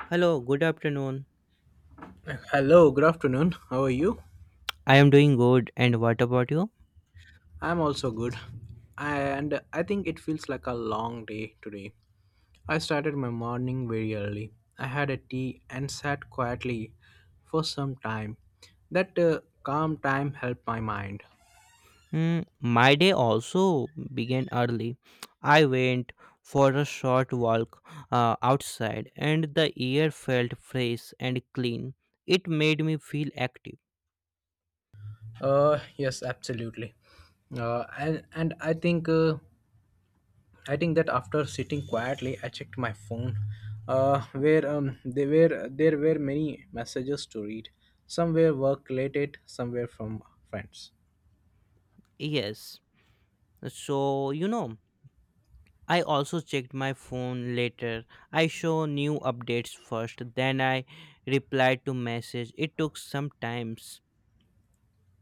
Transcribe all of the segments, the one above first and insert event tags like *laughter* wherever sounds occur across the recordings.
Hello, good afternoon. Hello, good afternoon. How are you? I am doing good, and what about you? I'm also good. And I think it feels like a long day today. I started my morning very early. I had a tea and sat quietly for some time. That calm time helped my mind. Mm, my day also began early. I went for a short walk outside, and the air felt fresh and clean. It made me feel active. Yes, absolutely. And I think that after sitting quietly, I checked my phone, where there were many messages to read. Some were work related, some were from friends. Yes. So, I also checked my phone later. I saw new updates first, then I replied to message. It took some times.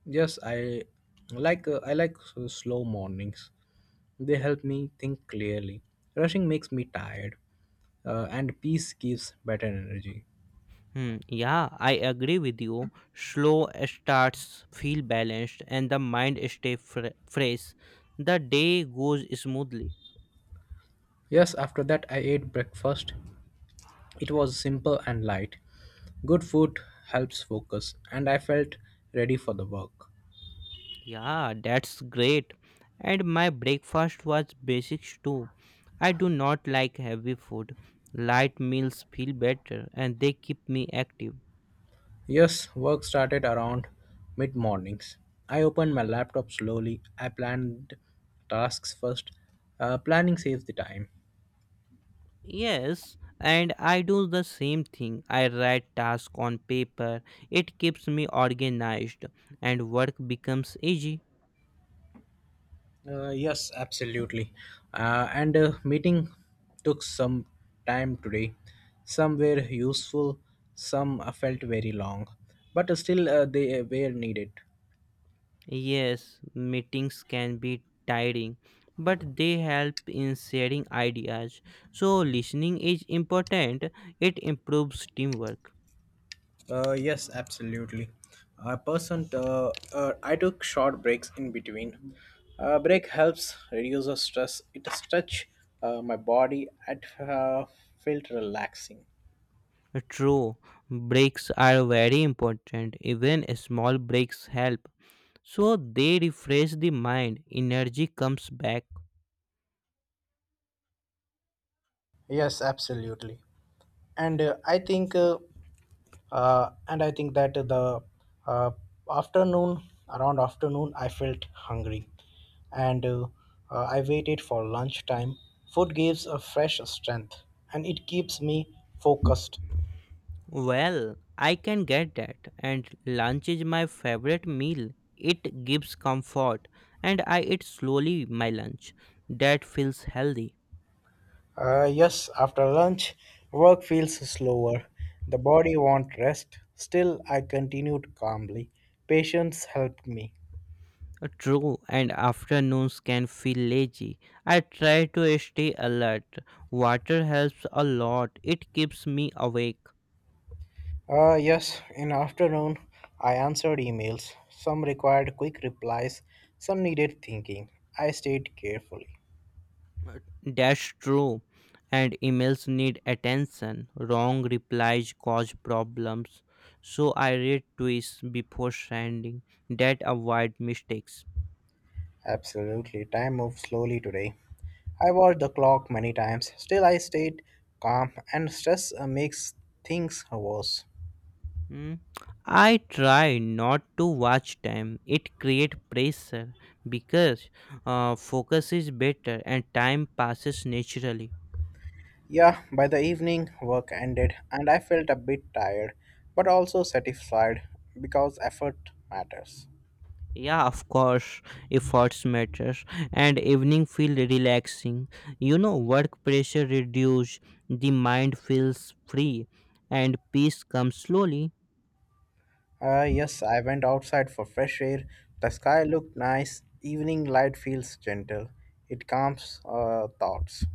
Yes, I like slow mornings. They help me think clearly. Rushing makes me tired, and peace gives better energy. Hmm, yeah, I agree with you. Slow starts feel balanced and the mind stay fresh. The day goes smoothly. Yes, after that I ate breakfast. It was simple and light. Good food helps focus, and I felt ready for the work. Yeah, that's great. And my breakfast was basics too. I do not like heavy food. Light meals feel better and they keep me active. Yes, work started around mid mornings. I opened my laptop slowly. I planned tasks first. Planning saves the time. Yes, and I do the same thing. I write tasks on paper. It keeps me organized and work becomes easy. Yes, absolutely. And Meeting took some time today. Some were useful, some felt very long, but still they were needed. Yes, meetings can be tiring, but they help in sharing ideas. So, listening is important, it improves teamwork. Yes, absolutely. I took short breaks in between. Break helps reduce the stress. It stretch my body. It felt relaxing. True, breaks are very important, even small breaks help. So, they refresh the mind, energy comes back. Yes, absolutely. And uh, I think uh, and I think that the uh, afternoon around afternoon I felt hungry and I waited for lunchtime. Food gives a fresh strength and it keeps me focused. Well, I can get that, and lunch is my favorite meal. It gives comfort, and I eat slowly my lunch. That feels healthy. Yes, after lunch, work feels slower. The body wants rest. Still, I continued calmly. Patience helped me. True, and afternoons can feel lazy. I try to stay alert. Water helps a lot, it keeps me awake. Yes, in afternoon, I answered emails. Some required quick replies, some needed thinking. I stayed carefully. That's true. And emails need attention. Wrong replies cause problems. So I read twice before sending. That avoid mistakes. Absolutely, time moved slowly today. I watched the clock many times. Still, I stayed calm, and stress makes things worse. Hmm. I try not to watch time. It create pressure because focus is better and time passes naturally. Yeah, by the evening, work ended and I felt a bit tired, but also satisfied because effort matters. Yeah, of course, efforts matters, and evening feel relaxing. Work pressure reduce, the mind feels free, and peace comes slowly. Yes, I went outside for fresh air. The sky looked nice. Evening light feels gentle. It calms thoughts.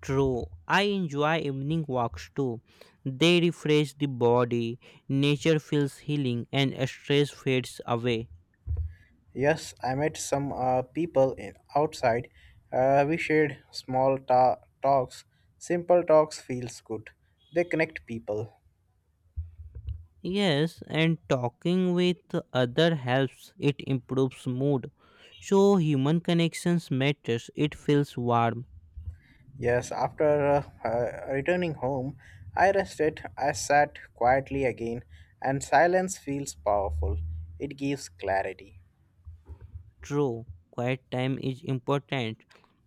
True, I enjoy evening walks too. They refresh the body, nature feels healing, and stress fades away. Yes, I met some people in, outside. We shared small talks. Simple talks feels good. They connect people. Yes, and talking with other helps. It improves mood. So human connections matters. It feels warm. Yes, after returning home, I rested. I sat quietly again, and silence feels powerful. It gives clarity. True, quiet time is important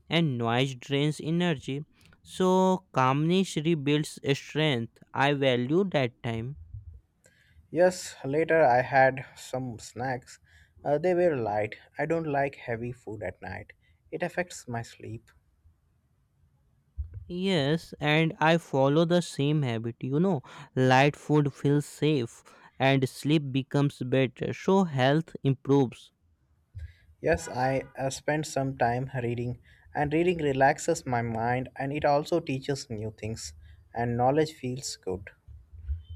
and noise drains energy. So, calmness rebuilds strength. I value that time. Yes, later I had some snacks. They were light. I don't like heavy food at night, it affects my sleep. Yes, and I follow the same habit. Light food feels safe and sleep becomes better. So, health improves. Yes, I spent some time reading, and reading relaxes my mind and it also teaches new things, and knowledge feels good.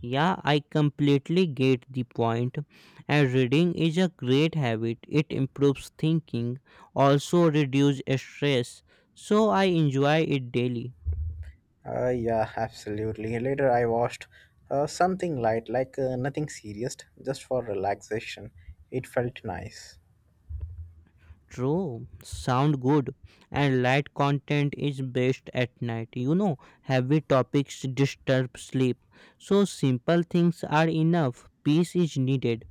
Yeah, I completely get the point. And reading is a great habit. It improves thinking, also reduce stress. So I enjoy it daily. Yeah, absolutely. Later, I watched something light, like nothing serious, just for relaxation. It felt nice. True, sound good. And light content is best at night. Heavy topics disturb sleep. So simple things are enough. Peace is needed.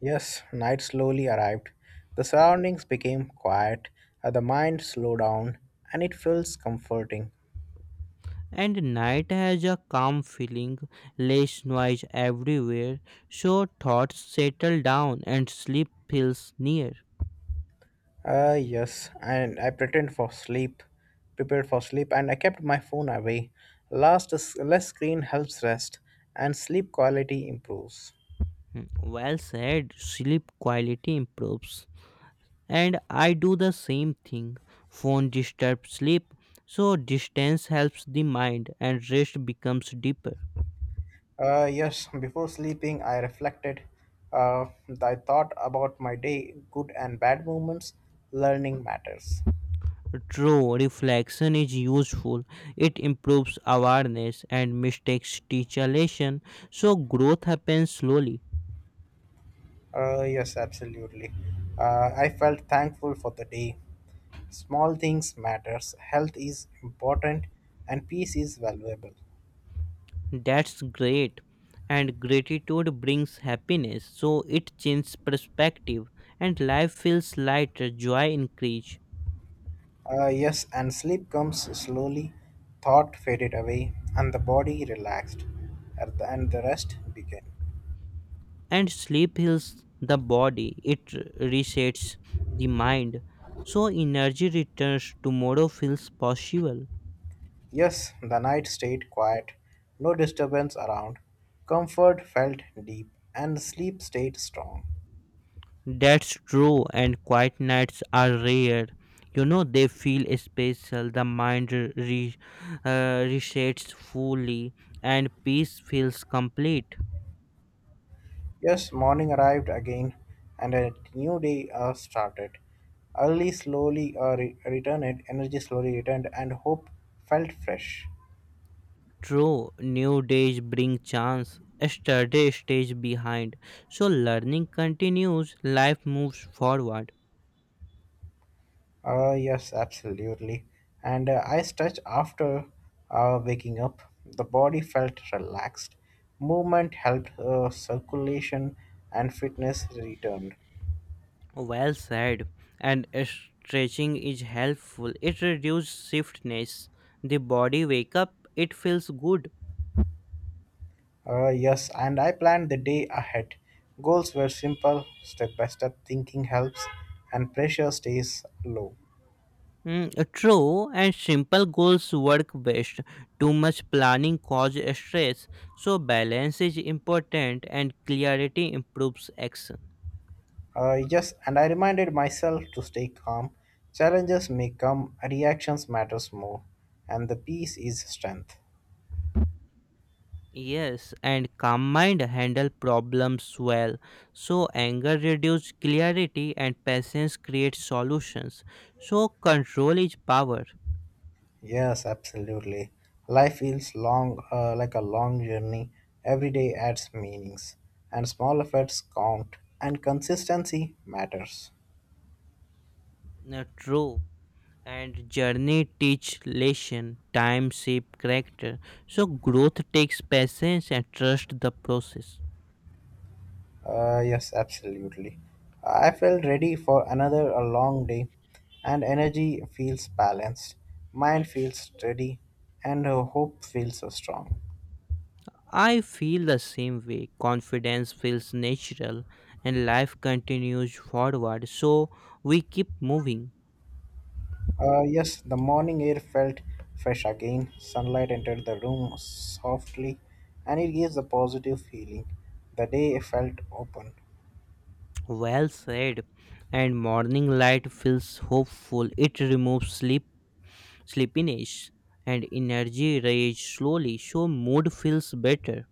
Yes, night slowly arrived. The surroundings became quiet, the mind slowed down, and it feels comforting. And night has a calm feeling, less noise everywhere. So thoughts settle down and sleep feels near. Yes, and I pretend for sleep, prepared for sleep, and I kept my phone away. Last, less screen helps rest, and sleep quality improves. Hmm, well said, sleep quality improves, and I do the same thing. Phone disturbs sleep, so distance helps the mind and rest becomes deeper. Yes, before sleeping, I reflected. Uh, I thought about my day, good and bad moments, learning matters. True, reflection is useful. It improves awareness and mistakes teach a lesson, so growth happens slowly. Yes, absolutely. I felt thankful for the day. Small things matters. Health is important, and peace is valuable. That's great. And gratitude brings happiness, so it changes perspective and life feels lighter, joy increase. Yes, and sleep comes slowly. Thought faded away, and the body relaxed, and the rest began. And sleep heals the body, it resets the mind, so energy returns, tomorrow feels possible. Yes, the night stayed quiet, no disturbance around. Comfort felt deep, and sleep stayed strong. That's true, and quiet nights are rare, they feel special, the mind resets fully and peace feels complete. Yes, morning arrived again, and a new day started. Early slowly returned, energy slowly returned, and hope felt fresh. True, new days bring chance, yesterday stays behind, so learning continues, life moves forward. Yes, absolutely. And I stretched after waking up. The body felt relaxed. Movement helped circulation, and fitness returned. Well said. And stretching is helpful. It reduces stiffness. The body wake up. It feels good. Yes, and I planned the day ahead. Goals were simple, step by step thinking helps, and pressure stays low. Mm, true and simple goals work best. Too much planning causes stress. So balance is important and clarity improves action. Yes, and I reminded myself to stay calm. Challenges may come, reactions matters more, and the peace is strength. Yes, and calm mind handle problems well. So anger reduces clarity and patience creates solutions. So control is power. Yes, absolutely. Life feels long, like a long journey. Every day adds meanings, and small efforts count, and consistency matters. True, and journey teach lesson, time shape character, so growth takes patience and trust the process. Yes, absolutely. I felt ready for another a long day, and energy feels balanced, mind feels steady, and hope feels strong. I feel the same way, confidence feels natural and life continues forward, so we keep moving. Yes, the morning air felt fresh again. Sunlight entered the room softly, and it gives a positive feeling. The day felt open. Well said, and morning light feels hopeful, it removes sleepiness and energy rage slowly, so mood feels better.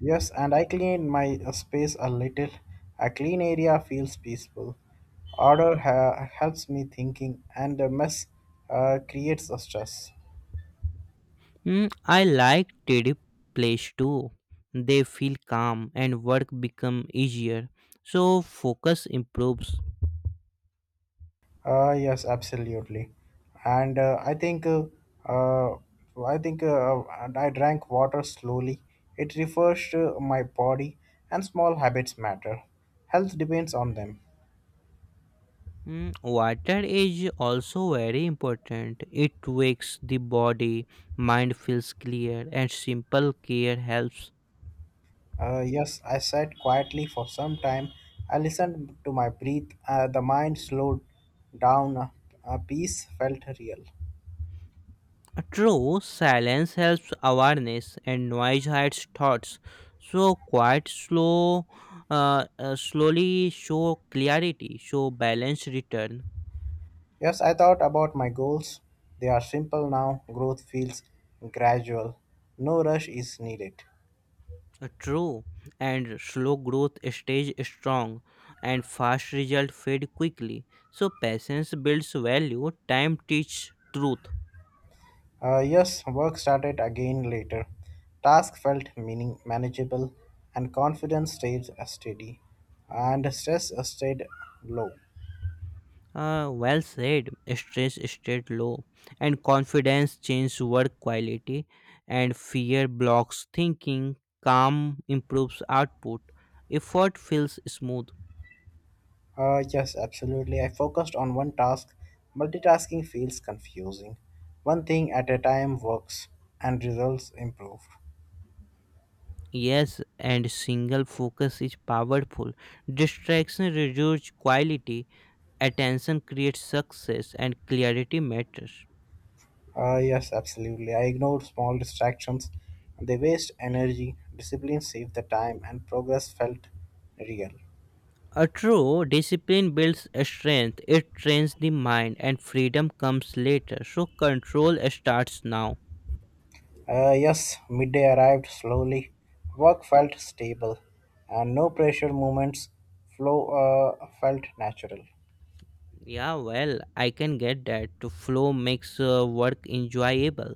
Yes, and I clean my space a little. A clean area feels peaceful. Order helps me thinking, and the mess creates a stress. Mm, I like tidy place too. They feel calm and work become easier. So focus improves. Yes, absolutely. And uh, I think and I drank water slowly. It refers to my body, and small habits matter. Health depends on them. Mm, water is also very important. It wakes the body, mind feels clear, and simple care helps. Yes, I sat quietly for some time. I listened to my breath. The mind slowed down. A peace felt real. True, silence helps awareness, and noise hides thoughts. So quiet, slowly show clarity, so balance return. Yes, I thought about my goals. They are simple now. Growth feels gradual. No rush is needed. True, and slow growth stays strong, and fast result fade quickly. So patience builds value. Time teaches truth. Yes, work started again later. Task felt meaning manageable, and confidence stayed steady, and stress stayed low. Well said. Stress stayed low, and confidence changes work quality, and fear blocks thinking. Calm improves output. Effort feels smooth. Yes, absolutely. I focused on one task. Multitasking feels confusing. One thing at a time works and results improve. Yes, and single focus is powerful. Distraction reduces quality, attention creates success and clarity matters. Yes, absolutely. I ignored small distractions. They waste energy, discipline saved the time, and progress felt real. A true discipline builds strength, it trains the mind and freedom comes later, so control starts now. Yes, midday arrived slowly. Work felt stable, and no pressure movements flow felt natural. Yeah, well I can get that, to flow makes work enjoyable,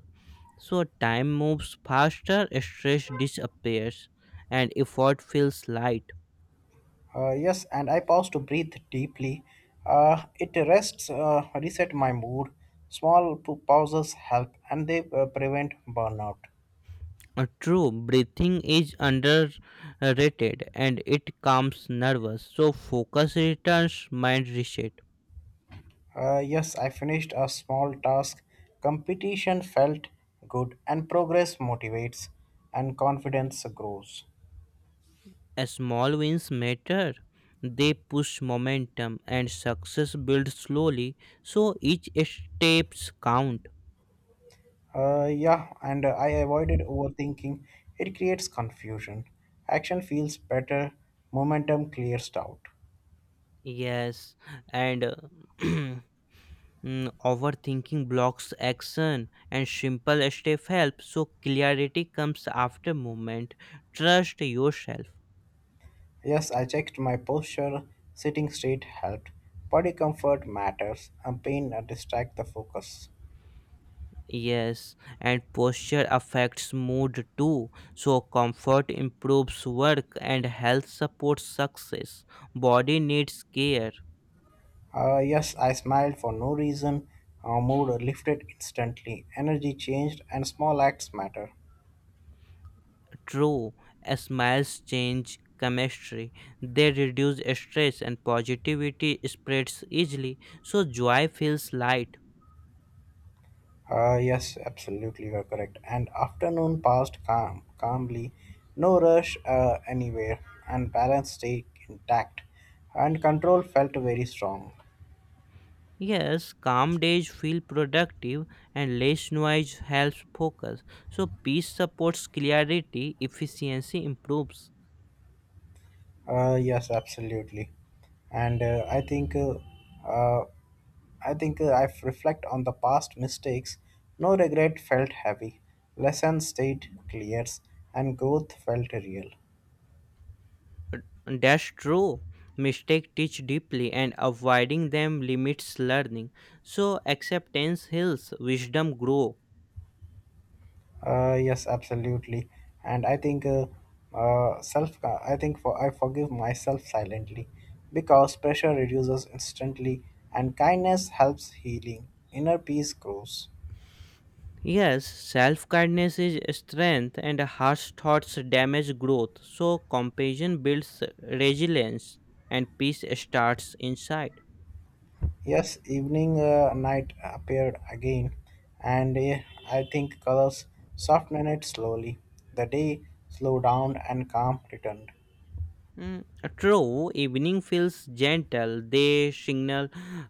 so time moves faster, stress disappears and effort feels light. Yes, and I pause to breathe deeply. It rests, reset my mood. Small pauses help, and they prevent burnout. True, breathing is underrated and it calms nervous, so focus returns, mind reset. Yes, I finished a small task. Competition felt good, and progress motivates, and confidence grows. Small wins matter. They push momentum and success builds slowly, so each steps count. Yeah, and I avoided overthinking. It creates confusion. Action feels better. Momentum clears doubt. Yes, and *clears throat* mm, overthinking blocks action and simple step help so clarity comes after movement. Trust yourself. Yes, I checked my posture. Sitting straight helped. Body comfort matters, and pain distract the focus. Yes, and posture affects mood too. So comfort improves work and health supports success. Body needs care. Yes, I smiled for no reason. Mood lifted instantly. Energy changed, and small acts matter. True, smiles change chemistry. They reduce stress and positivity spreads easily, so joy feels light. Yes, absolutely, you're correct. And afternoon passed calmly. No rush anywhere, and balance stayed intact. And control felt very strong. Yes, calm days feel productive and less noise helps focus. So peace supports clarity, efficiency improves. Yes, absolutely. And I think uh, I think I reflect on the past mistakes. No regret felt heavy. Lessons stayed clear, and growth felt real. That's true. Mistakes teach deeply and avoiding them limits learning. So acceptance heals, wisdom grows. Yes, absolutely. And I think self. I think for I forgive myself silently, because pressure reduces instantly, and kindness helps healing. Inner peace grows. Yes, self kindness is strength, and harsh thoughts damage growth. So, compassion builds resilience, and peace starts inside. Yes, evening night appeared again, and I think colors softened it slowly. The day slowed down and calm returned. Mm, true, evening feels gentle, they signal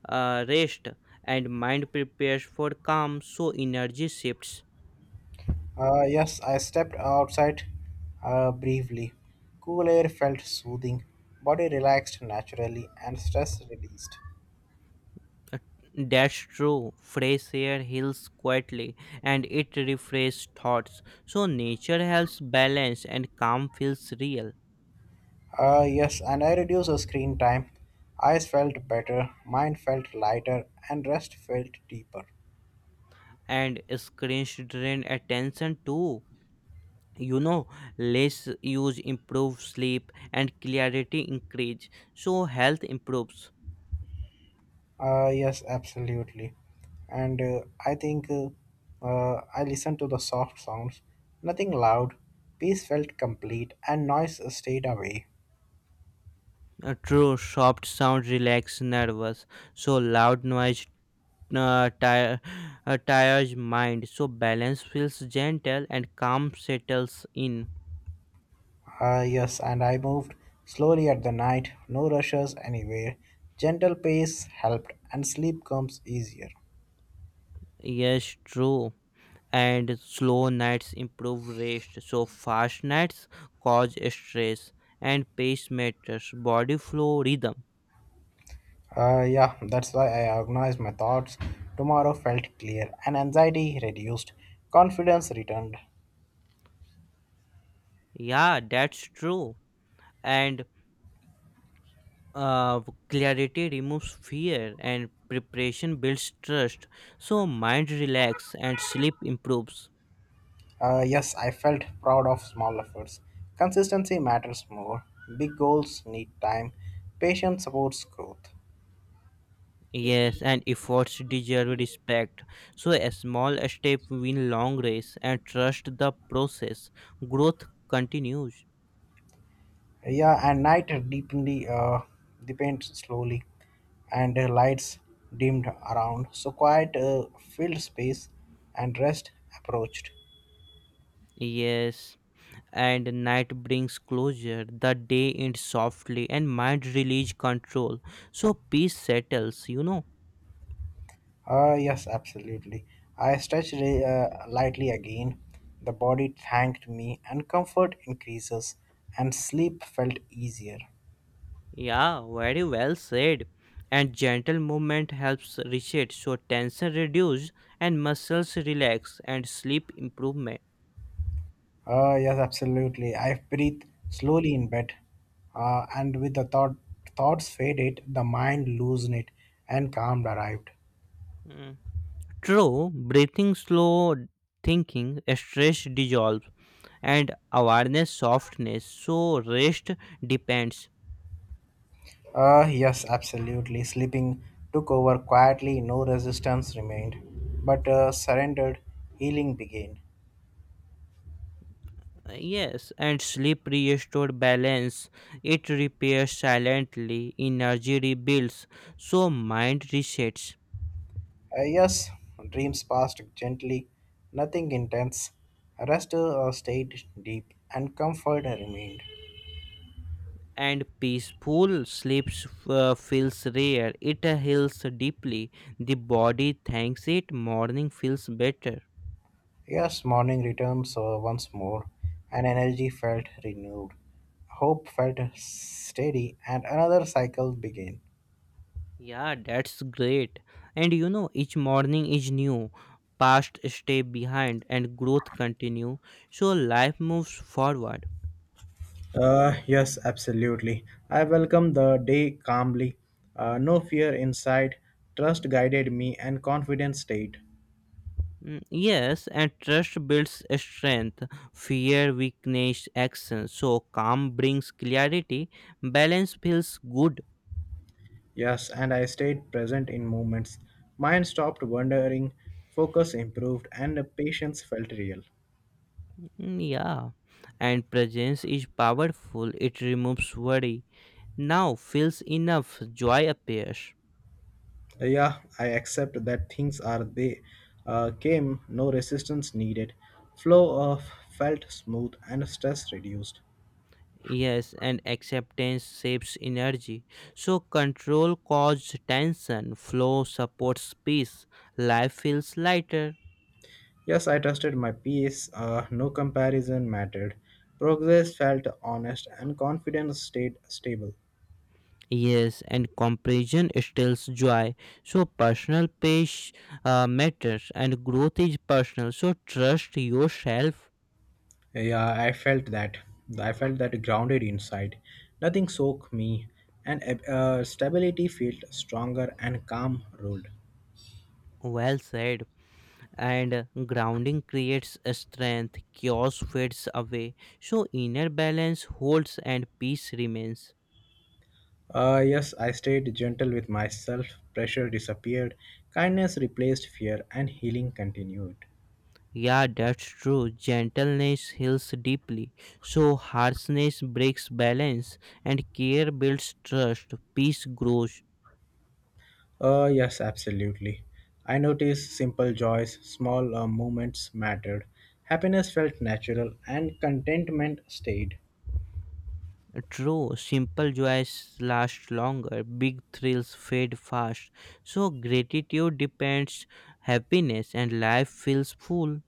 rest, and mind prepares for calm, so energy shifts. Yes, I stepped outside briefly. Cool air felt soothing, body relaxed naturally, and stress released. Uh, That's true. Fresh air heals quietly and it refreshes thoughts. So, nature helps balance, and calm feels real. Yes, and I reduced the screen time. Eyes felt better, mind felt lighter, and rest felt deeper. And screens drain attention too, you know less use improves sleep and clarity increase, so health improves. Yes, absolutely. And I think I listened to the soft sounds, nothing loud. Peace felt complete, and noise stayed away. True, soft sound relax nervous, so loud noise uh, tire, tires mind, so balance feels gentle and calm settles in. Ah yes, and I moved slowly at the night, no rushes anywhere. Gentle pace helped, and sleep comes easier. Yes, true, and slow nights improve rest, so fast nights cause stress and pacemakers body flow rhythm. Yeah, that's why I organized my thoughts. Tomorrow felt clear, and anxiety reduced. Confidence returned. Yeah, that's true, and uh, clarity removes fear and preparation builds trust, so mind relax and sleep improves. Yes, I felt proud of small efforts. Consistency matters more. Big goals need time. Patience supports growth. Yes, and efforts deserve respect, so a small step win long race and trust the process, growth continues. Yeah, and night deeply deepened slowly, and lights dimmed around. So quiet filled space, and rest approached. Yes, and night brings closure, the day ends softly and mind release control, so peace settles, you know. Yes, absolutely. I stretched lightly again. The body thanked me, and comfort increases, and sleep felt easier. yeah, very well said, and gentle movement helps reset, so tension reduce and muscles relax and sleep improvement. Yes, absolutely. I breathe slowly in bed, and with the thoughts faded, the mind loosened it, and calm arrived. Mm, true, breathing slow, thinking stress dissolves and awareness softness, so rest depends. Yes, absolutely. Sleeping took over quietly, no resistance remained, but surrendered, healing began. Yes, and sleep restores balance. It repairs silently, energy rebuilds, so mind resets. Yes, dreams passed gently, nothing intense. Rest stayed deep, and comfort remained. And peaceful sleep feels rare. It heals deeply. The body thanks it. Morning feels better. Yes, morning returns so once more, and energy felt renewed. Hope felt steady, and another cycle began. Yeah, that's great. And each morning is new. Past stay behind, and growth continue. So life moves forward. Yes, absolutely. I welcomed the day calmly. No fear in sight. Trust guided me and confidence stayed. Mm, yes, and trust builds strength, fear weakness action. So calm brings clarity, balance feels good. Yes, and I stayed present in moments. Mind stopped wandering, focus improved, and the patience felt real. Mm, yeah, and presence is powerful. It removes worry. Now feels enough, joy appears. Yeah, I accept that things are they came, no resistance needed. Flow of felt smooth and stress reduced. Yes, and acceptance saves energy. So control causes tension, flow supports peace. Life feels lighter. Yes, I trusted my peace, no comparison mattered. Progress felt honest and confidence stayed stable. Yes, and comparison steals joy. So personal pace matters, and growth is personal. So trust yourself. Yeah, I felt that. I felt that grounded inside. Nothing soaked me, and stability felt stronger and calm ruled. Well said. And grounding creates a strength. Chaos fades away. So inner balance holds, and peace remains. Yes, I stayed gentle with myself. Pressure disappeared, kindness replaced fear, and healing continued. Yeah, that's true. Gentleness heals deeply. So harshness breaks balance, and care builds trust. Peace grows. Yes, absolutely. I noticed simple joys, small moments mattered. Happiness felt natural, and contentment stayed. True, simple joys last longer, big thrills fade fast. So, gratitude depends happiness, and life feels full.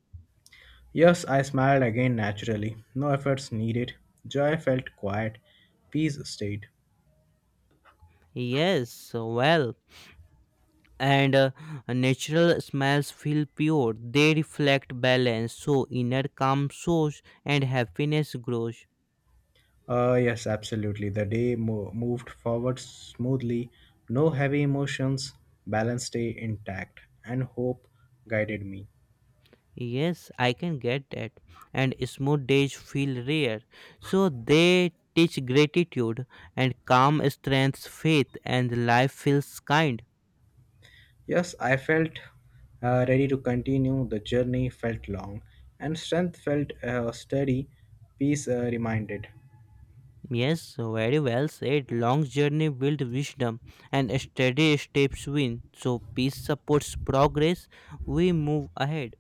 Yes, I smiled again naturally. No efforts needed. Joy felt quiet. Peace stayed. Yes, well, and natural smiles feel pure, they reflect balance. So, inner calm soars and happiness grows. Yes, absolutely. The day moved forward smoothly, no heavy emotions, balance stayed intact, and hope guided me. Yes, I can get that. And smooth days feel rare, so they teach gratitude, and calm strengths faith, and life feels kind. Yes, I felt ready to continue. The journey felt long, and strength felt steady, peace reminded. Yes, very well said. Long journey build wisdom and steady steps win. So peace supports progress. We move ahead.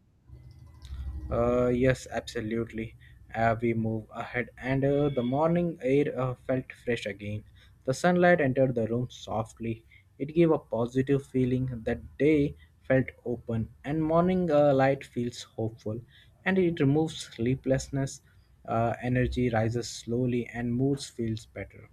Yes, absolutely. We move ahead, and the morning air felt fresh again. The sunlight entered the room softly. It gave a positive feeling. The day felt open, and morning light feels hopeful, and it removes sleeplessness. Energy rises slowly, and moods feels better.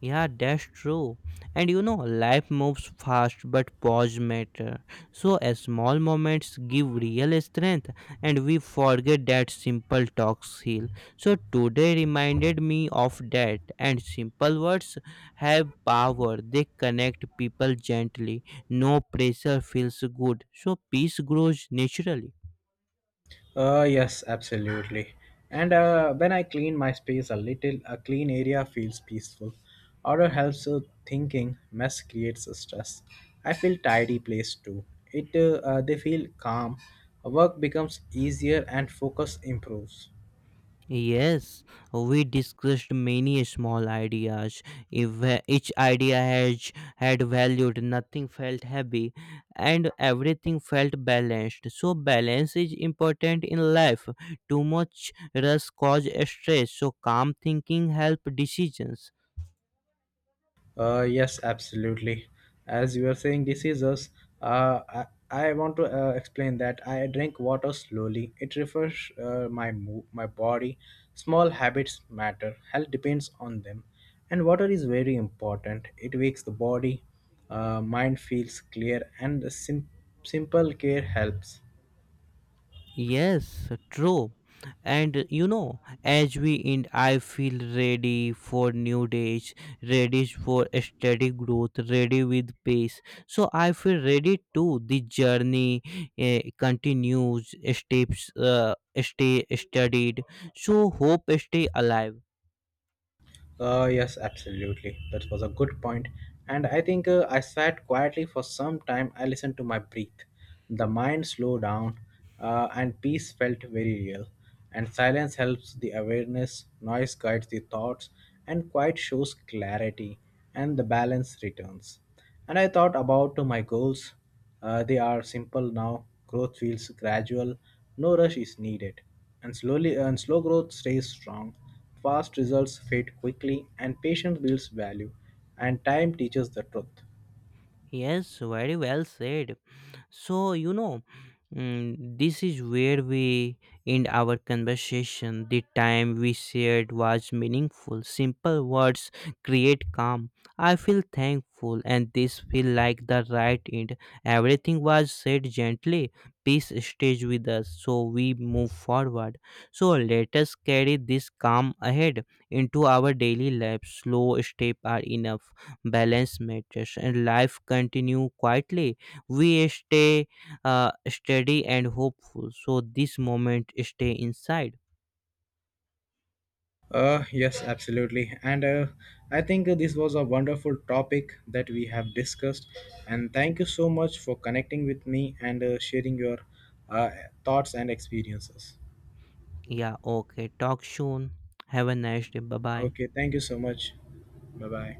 Yeah, that's true. And life moves fast, but pause matter. So, a small moments give real strength, and we forget that simple talks heal. So, today reminded me of that, and simple words have power. They connect people gently. No pressure feels good. So, peace grows naturally. Yes, absolutely. And when I clean my space a little, a clean area feels peaceful. Order helps with thinking. Mess creates stress. I feel tidy place too. It they feel calm. Work becomes easier and focus improves. Yes, we discussed many small ideas. If each idea has had valued, nothing felt heavy, and everything felt balanced. So balance is important in life. Too much rush causes stress. So calm thinking help decisions. Yes, absolutely. As you were saying, diseases. I want to explain that I drink water slowly. It refresh my my body. Small habits matter. Health depends on them, and water is very important. It wakes the body. Mind feels clear, and the simple care helps. Yes, true. And as we end, I feel ready for new days, ready for steady growth, ready with pace. So I feel ready too. The journey continues, steps stay studied. So hope stay alive. Yes, absolutely. That was a good point. And I think I sat quietly for some time. I listened to my breath. The mind slowed down, and peace felt very real. And silence helps the awareness, noise guides the thoughts, and quiet shows clarity, and the balance returns. And I thought about my goals. They are simple now. Growth feels gradual. No rush is needed. And slow growth stays strong. Fast results fade quickly and patience builds value. And time teaches the truth. Yes, very well said. So, this is where we end our conversation. The time we shared was meaningful. Simple words create calm. I feel thankful, and this feel like the right end. Everything was said gently. Peace stays with us, so we move forward. So let us carry this calm ahead into our daily life. Slow steps are enough, balance matters and life continue quietly, we stay steady and hopeful, so this moment stay inside. Yes, absolutely. And I think this was a wonderful topic that we have discussed. And thank you so much for connecting with me and sharing your uh, thoughts and experiences. Yeah, okay, talk soon, have a nice day, bye bye. Okay, thank you so much. Bye bye.